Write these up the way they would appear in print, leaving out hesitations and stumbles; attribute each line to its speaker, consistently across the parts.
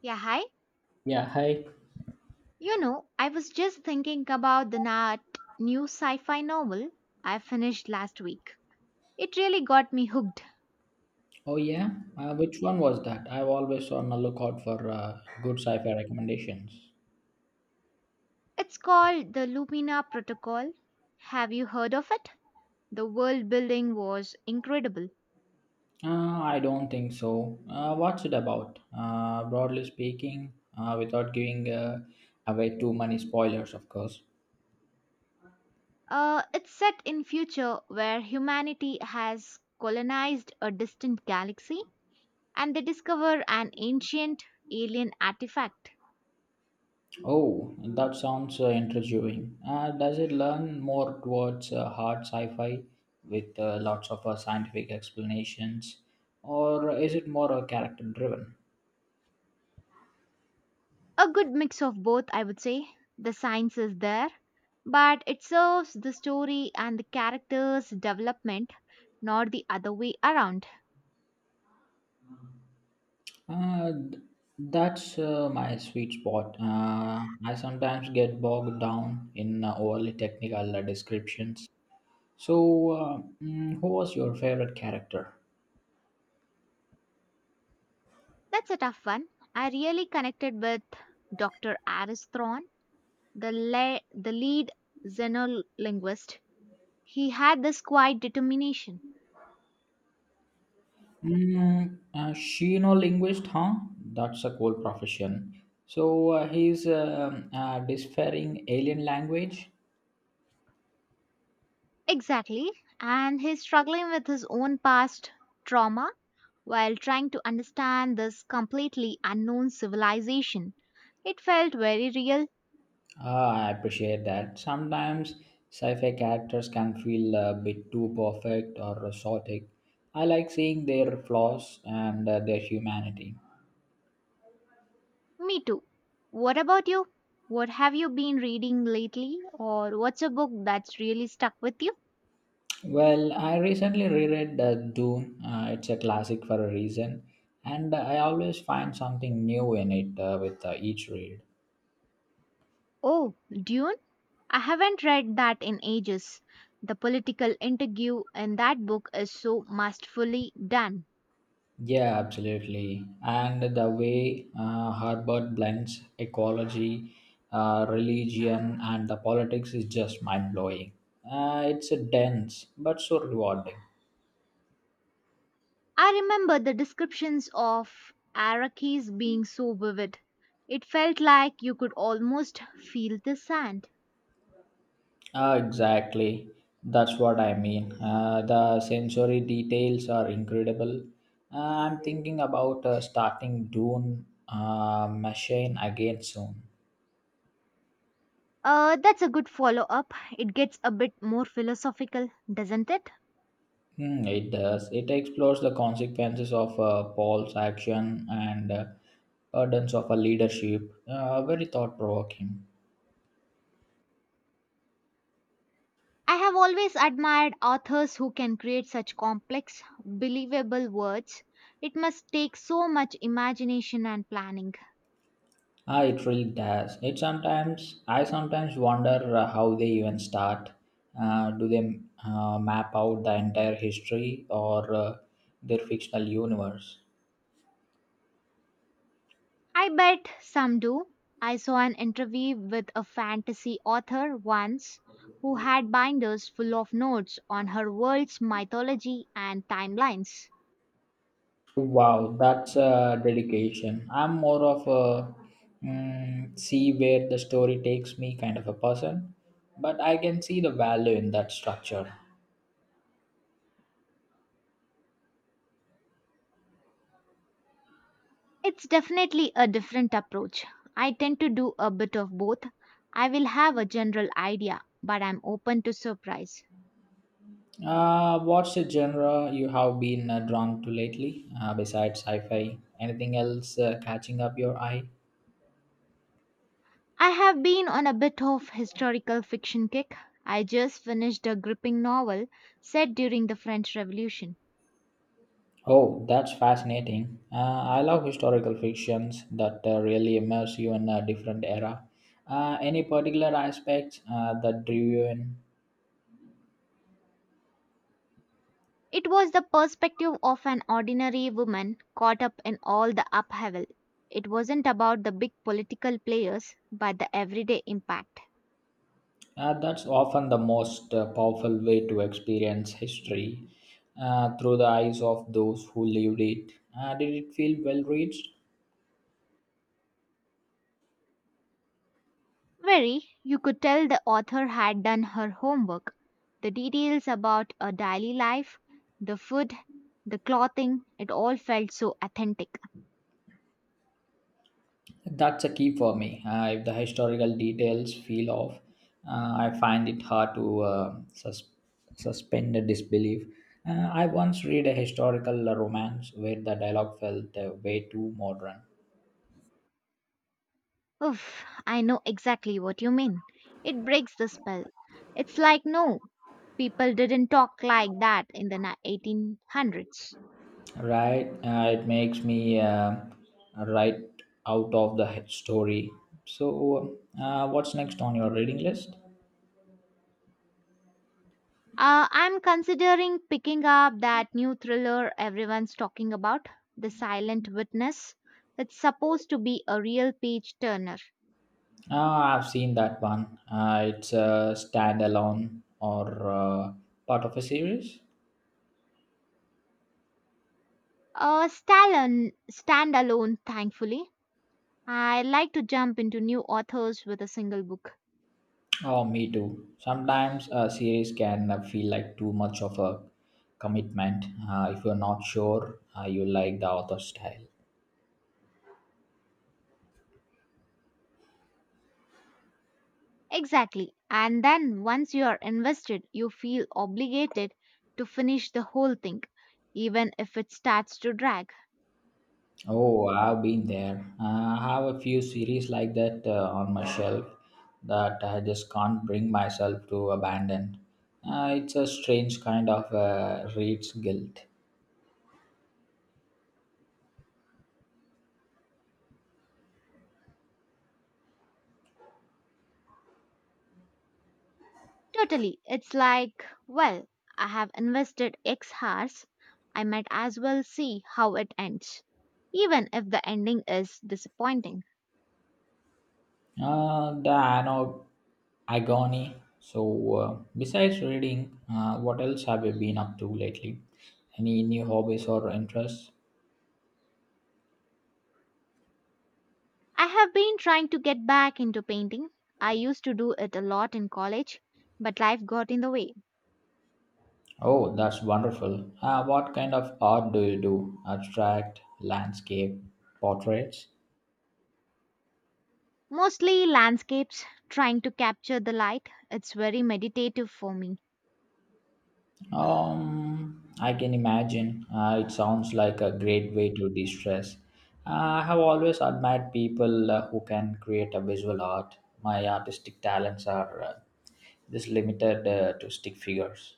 Speaker 1: Yeah, hi.
Speaker 2: Yeah, hi.
Speaker 1: I was just thinking about the Nat new sci fi novel I finished last week. It really got me hooked.
Speaker 2: Oh yeah, which one was that? I've always on the lookout for good sci-fi recommendations.
Speaker 1: It's called The Lumina Protocol. Have you heard of it? The world building was incredible.
Speaker 2: Uh, I don't think so. What's it about? Broadly speaking, without giving away too many spoilers, of course.
Speaker 1: It's set in future where humanity has colonized a distant galaxy, and they discover an ancient alien artifact.
Speaker 2: Oh, that sounds intriguing. Does it learn more towards hard sci-fi with lots of scientific explanations, or is it more character-driven?
Speaker 1: A good mix of both, I would say. The science is there, but it serves the story and the characters' development, not the other way around.
Speaker 2: Uh, th- that's my sweet spot. I sometimes get bogged down in overly technical descriptions. So, who was your favorite character?
Speaker 1: That's a tough one. I really connected with Dr. Aris Thorne, the lead xenolinguist. He had this quiet determination.
Speaker 2: She no linguist, huh? That's a cool profession. So he's disfering alien language.
Speaker 1: Exactly. And he's struggling with his own past trauma while trying to understand this completely unknown civilization. It felt very real.
Speaker 2: Ah, I appreciate that. Sometimes sci-fi characters can feel a bit too perfect or exotic. I like seeing their flaws and their humanity.
Speaker 1: Me too. What about you? What have you been reading lately? Or what's a book that's really stuck with you?
Speaker 2: Well, I recently reread Dune. It's a classic for a reason, and I always find something new in it with each read.
Speaker 1: Oh, Dune? I haven't read that in ages. The political interview in that book is so masterfully done.
Speaker 2: Yeah, absolutely. And the way Harvard blends ecology, religion, and the politics is just mind blowing. It's a dense but so rewarding.
Speaker 1: I remember the descriptions of Arrakis being so vivid. It felt like you could almost feel the sand.
Speaker 2: Exactly. That's what I mean. The sensory details are incredible. I'm thinking about starting Dune Machine again soon.
Speaker 1: That's a good follow up. It gets a bit more philosophical, doesn't it?
Speaker 2: Hmm, it does. It explores the consequences of Paul's action and burdens of a leadership. Very thought provoking.
Speaker 1: I have always admired authors who can create such complex, believable words. It must take so much imagination and planning.
Speaker 2: Ah, it really does. It sometimes I sometimes wonder how they even start. Do they map out the entire history or their fictional universe?
Speaker 1: I bet some do. I saw an interview with a fantasy author once who had binders full of notes on her world's mythology and timelines.
Speaker 2: Wow, that's a dedication. I'm more of a see where the story takes me kind of a person, but I can see the value in that structure.
Speaker 1: It's definitely a different approach. I tend to do a bit of both. I will have a general idea, but I'm open to surprise.
Speaker 2: What's the genre you have been drawn to lately, besides sci fi? Anything else catching up your eye?
Speaker 1: I have been on a bit of historical fiction kick. I just finished a gripping novel set during the French Revolution.
Speaker 2: Oh, that's fascinating. I love historical fictions that really immerse you in a different era. Any particular aspects that drew you in?
Speaker 1: It was the perspective of an ordinary woman caught up in all the upheaval. It wasn't about the big political players, but the everyday impact.
Speaker 2: That's often the most powerful way to experience history through the eyes of those who lived it. Did it feel well reached?
Speaker 1: Very, you could tell the author had done her homework. The details about her daily life, the food, the clothing, it all felt so authentic.
Speaker 2: That's a key for me. If the historical details feel off, I find it hard to suspend the disbelief. I once read a historical romance where the dialogue felt way too modern.
Speaker 1: Oof, I know exactly what you mean. It breaks the spell. It's like, no, people didn't talk like that in the 1800s.
Speaker 2: Right, it makes me right out of the story. So, what's next on your reading list?
Speaker 1: I'm considering picking up that new thriller everyone's talking about, The Silent Witness. It's supposed to be a real page turner.
Speaker 2: Ah, I've seen that one. It's a standalone or part of a series.
Speaker 1: Stalin, standalone, thankfully. I like to jump into new authors with a single book.
Speaker 2: Oh, me too. Sometimes a series can feel like too much of a commitment if you're not sure you like the author's style.
Speaker 1: Exactly. And then once you are invested, you feel obligated to finish the whole thing, even if it starts to drag.
Speaker 2: Oh, I've been there. I have a few series like that on my shelf that I just can't bring myself to abandon. It's a strange kind of reads guilt.
Speaker 1: Totally. It's like, well, I have invested X hours. I might as well see how it ends, even if the ending is disappointing.
Speaker 2: Uh, the ano- Agony. So, besides reading, what else have you been up to lately? Any new hobbies or interests?
Speaker 1: I have been trying to get back into painting. I used to do it a lot in college, but life got in the way.
Speaker 2: Oh, that's wonderful. What kind of art do you do? Abstract, landscape, portraits?
Speaker 1: Mostly landscapes, trying to capture the light. It's very meditative for me.
Speaker 2: I can imagine. It sounds like a great way to de-stress. I have always admired people who can create a visual art. My artistic talents are just limited to stick figures.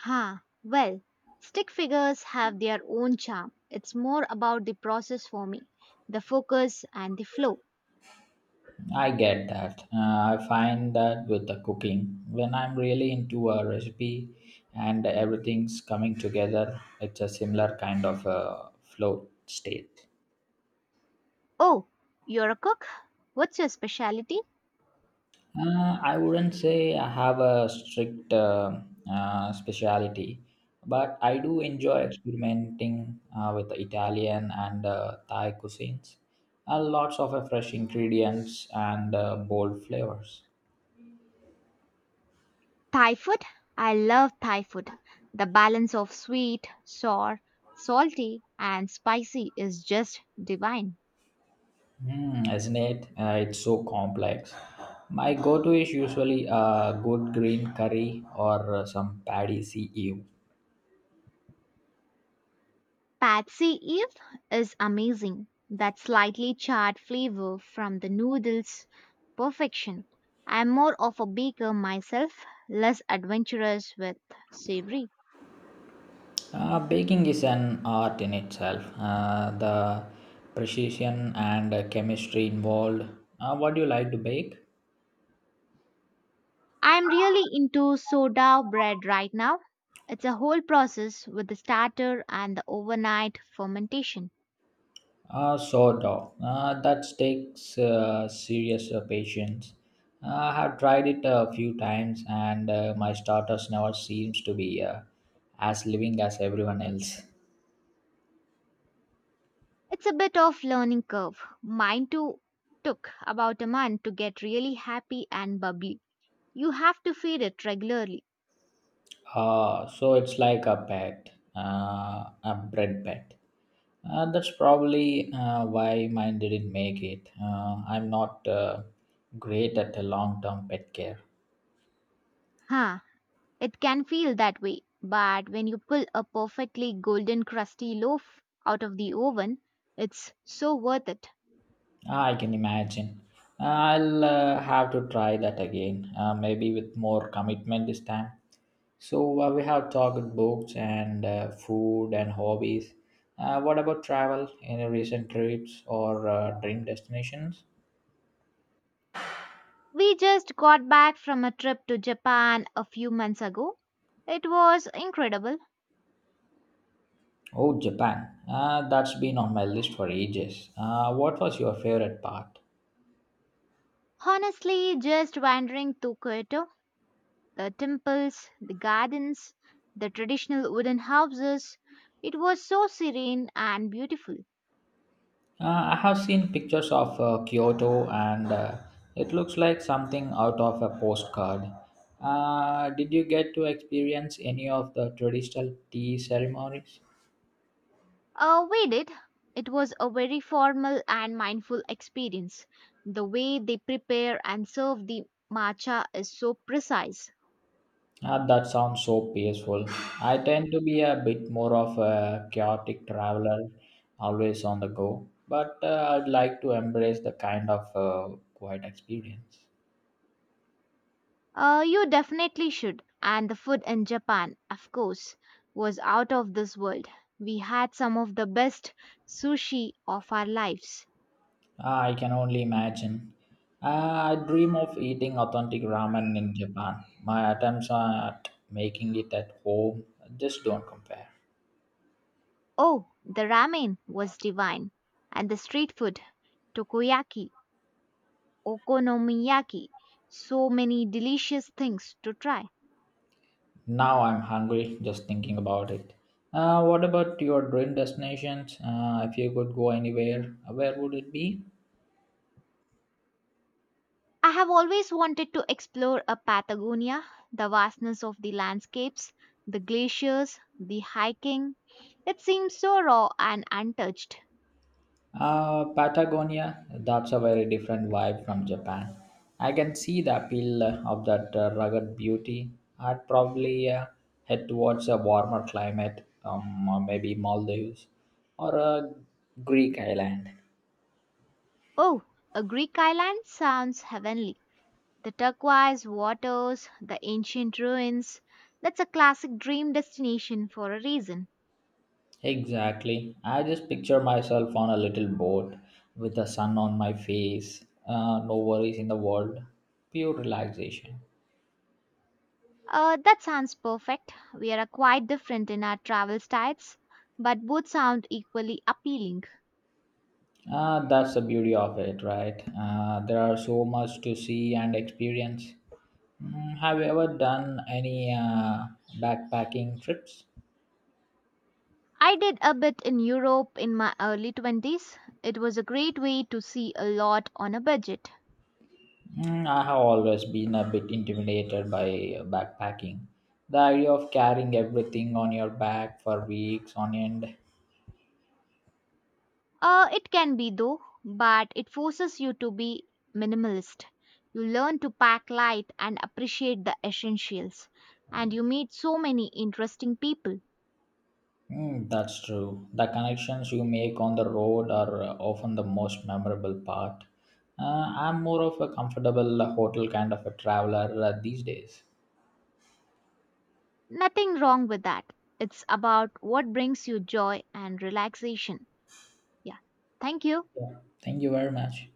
Speaker 1: Huh. Well, stick figures have their own charm. It's more about the process for me, the focus and the flow.
Speaker 2: I get that. I find that with the cooking, when I'm really into a recipe and everything's coming together, it's a similar kind of flow state.
Speaker 1: Oh, you're a cook? What's your specialty?
Speaker 2: I wouldn't say I have a strict speciality, but I do enjoy experimenting with Italian and Thai cuisines. Lots of fresh ingredients and bold flavors.
Speaker 1: Thai food? I love Thai food. The balance of sweet, sour, salty, and spicy is just divine.
Speaker 2: Mm, isn't it? It's so complex. My go-to is usually a good green curry or some paddy see ew.
Speaker 1: Patsy Eve is amazing. That slightly charred flavor from the noodles, perfection. I'm more of a baker myself, less adventurous with savory.
Speaker 2: Baking is an art in itself. The precision and chemistry involved. What do you like to bake?
Speaker 1: I'm really into soda bread right now. It's a whole process with the starter and the overnight fermentation.
Speaker 2: Sourdough. That takes serious patience. I have tried it a few times, and my starters never seems to be as living as everyone else.
Speaker 1: It's a bit of learning curve. Mine too took about a month to get really happy and bubbly. You have to feed it regularly.
Speaker 2: So it's like a pet, a bread pet. That's probably why mine didn't make it. I'm not great at long term pet care.
Speaker 1: Huh, it can feel that way, but when you pull a perfectly golden crusty loaf out of the oven, it's so worth it.
Speaker 2: Ah, I can imagine. I'll have to try that again, maybe with more commitment this time. So, we have talked books and food and hobbies. What about travel? Any recent trips or dream destinations?
Speaker 1: We just got back from a trip to Japan a few months ago. It was incredible.
Speaker 2: Oh, Japan. That's been on my list for ages. What was your favorite part?
Speaker 1: Honestly, just wandering through Kyoto, the temples, the gardens, the traditional wooden houses, it was so serene and beautiful.
Speaker 2: I have seen pictures of Kyoto and it looks like something out of a postcard. Did you get to experience any of the traditional tea ceremonies?
Speaker 1: We did. It was a very formal and mindful experience. The way they prepare and serve the matcha is so precise.
Speaker 2: Ah, that sounds so peaceful. I tend to be a bit more of a chaotic traveler, always on the go, but I'd like to embrace the kind of quiet experience.
Speaker 1: You definitely should. And the food in Japan, of course, was out of this world. We had some of the best sushi of our lives.
Speaker 2: Ah, I can only imagine. Ah, I dream of eating authentic ramen in Japan. My attempts at making it at home just don't compare.
Speaker 1: Oh, the ramen was divine. And the street food, takoyaki, okonomiyaki, so many delicious things to try.
Speaker 2: Now I'm hungry just thinking about it. What about your dream destinations? If you could go anywhere, where would it be?
Speaker 1: I have always wanted to explore a Patagonia, the vastness of the landscapes, the glaciers, the hiking. It seems so raw and untouched.
Speaker 2: Patagonia, that's a very different vibe from Japan. I can see the appeal of that rugged beauty. I'd probably head towards a warmer climate, or maybe Maldives or a Greek island.
Speaker 1: Oh, a Greek island sounds heavenly. The turquoise waters, the ancient ruins. That's a classic dream destination for a reason.
Speaker 2: Exactly. I just picture myself on a little boat with the sun on my face, no worries in the world, pure relaxation.
Speaker 1: That sounds perfect. We are quite different in our travel styles, but both sound equally appealing.
Speaker 2: That's the beauty of it, right? There are so much to see and experience. Mm, have you ever done any backpacking trips?
Speaker 1: I did a bit in Europe in my early 20s. It was a great way to see a lot on a budget.
Speaker 2: Mm, I have always been a bit intimidated by backpacking. The idea of carrying everything on your back for weeks on end.
Speaker 1: It can be though, but it forces you to be minimalist. You learn to pack light and appreciate the essentials. And you meet so many interesting people.
Speaker 2: Mm, that's true. The connections you make on the road are often the most memorable part. I'm more of a comfortable hotel kind of a traveler these days.
Speaker 1: Nothing wrong with that. It's about what brings you joy and relaxation. Yeah. Thank you.
Speaker 2: Yeah. Thank you very much.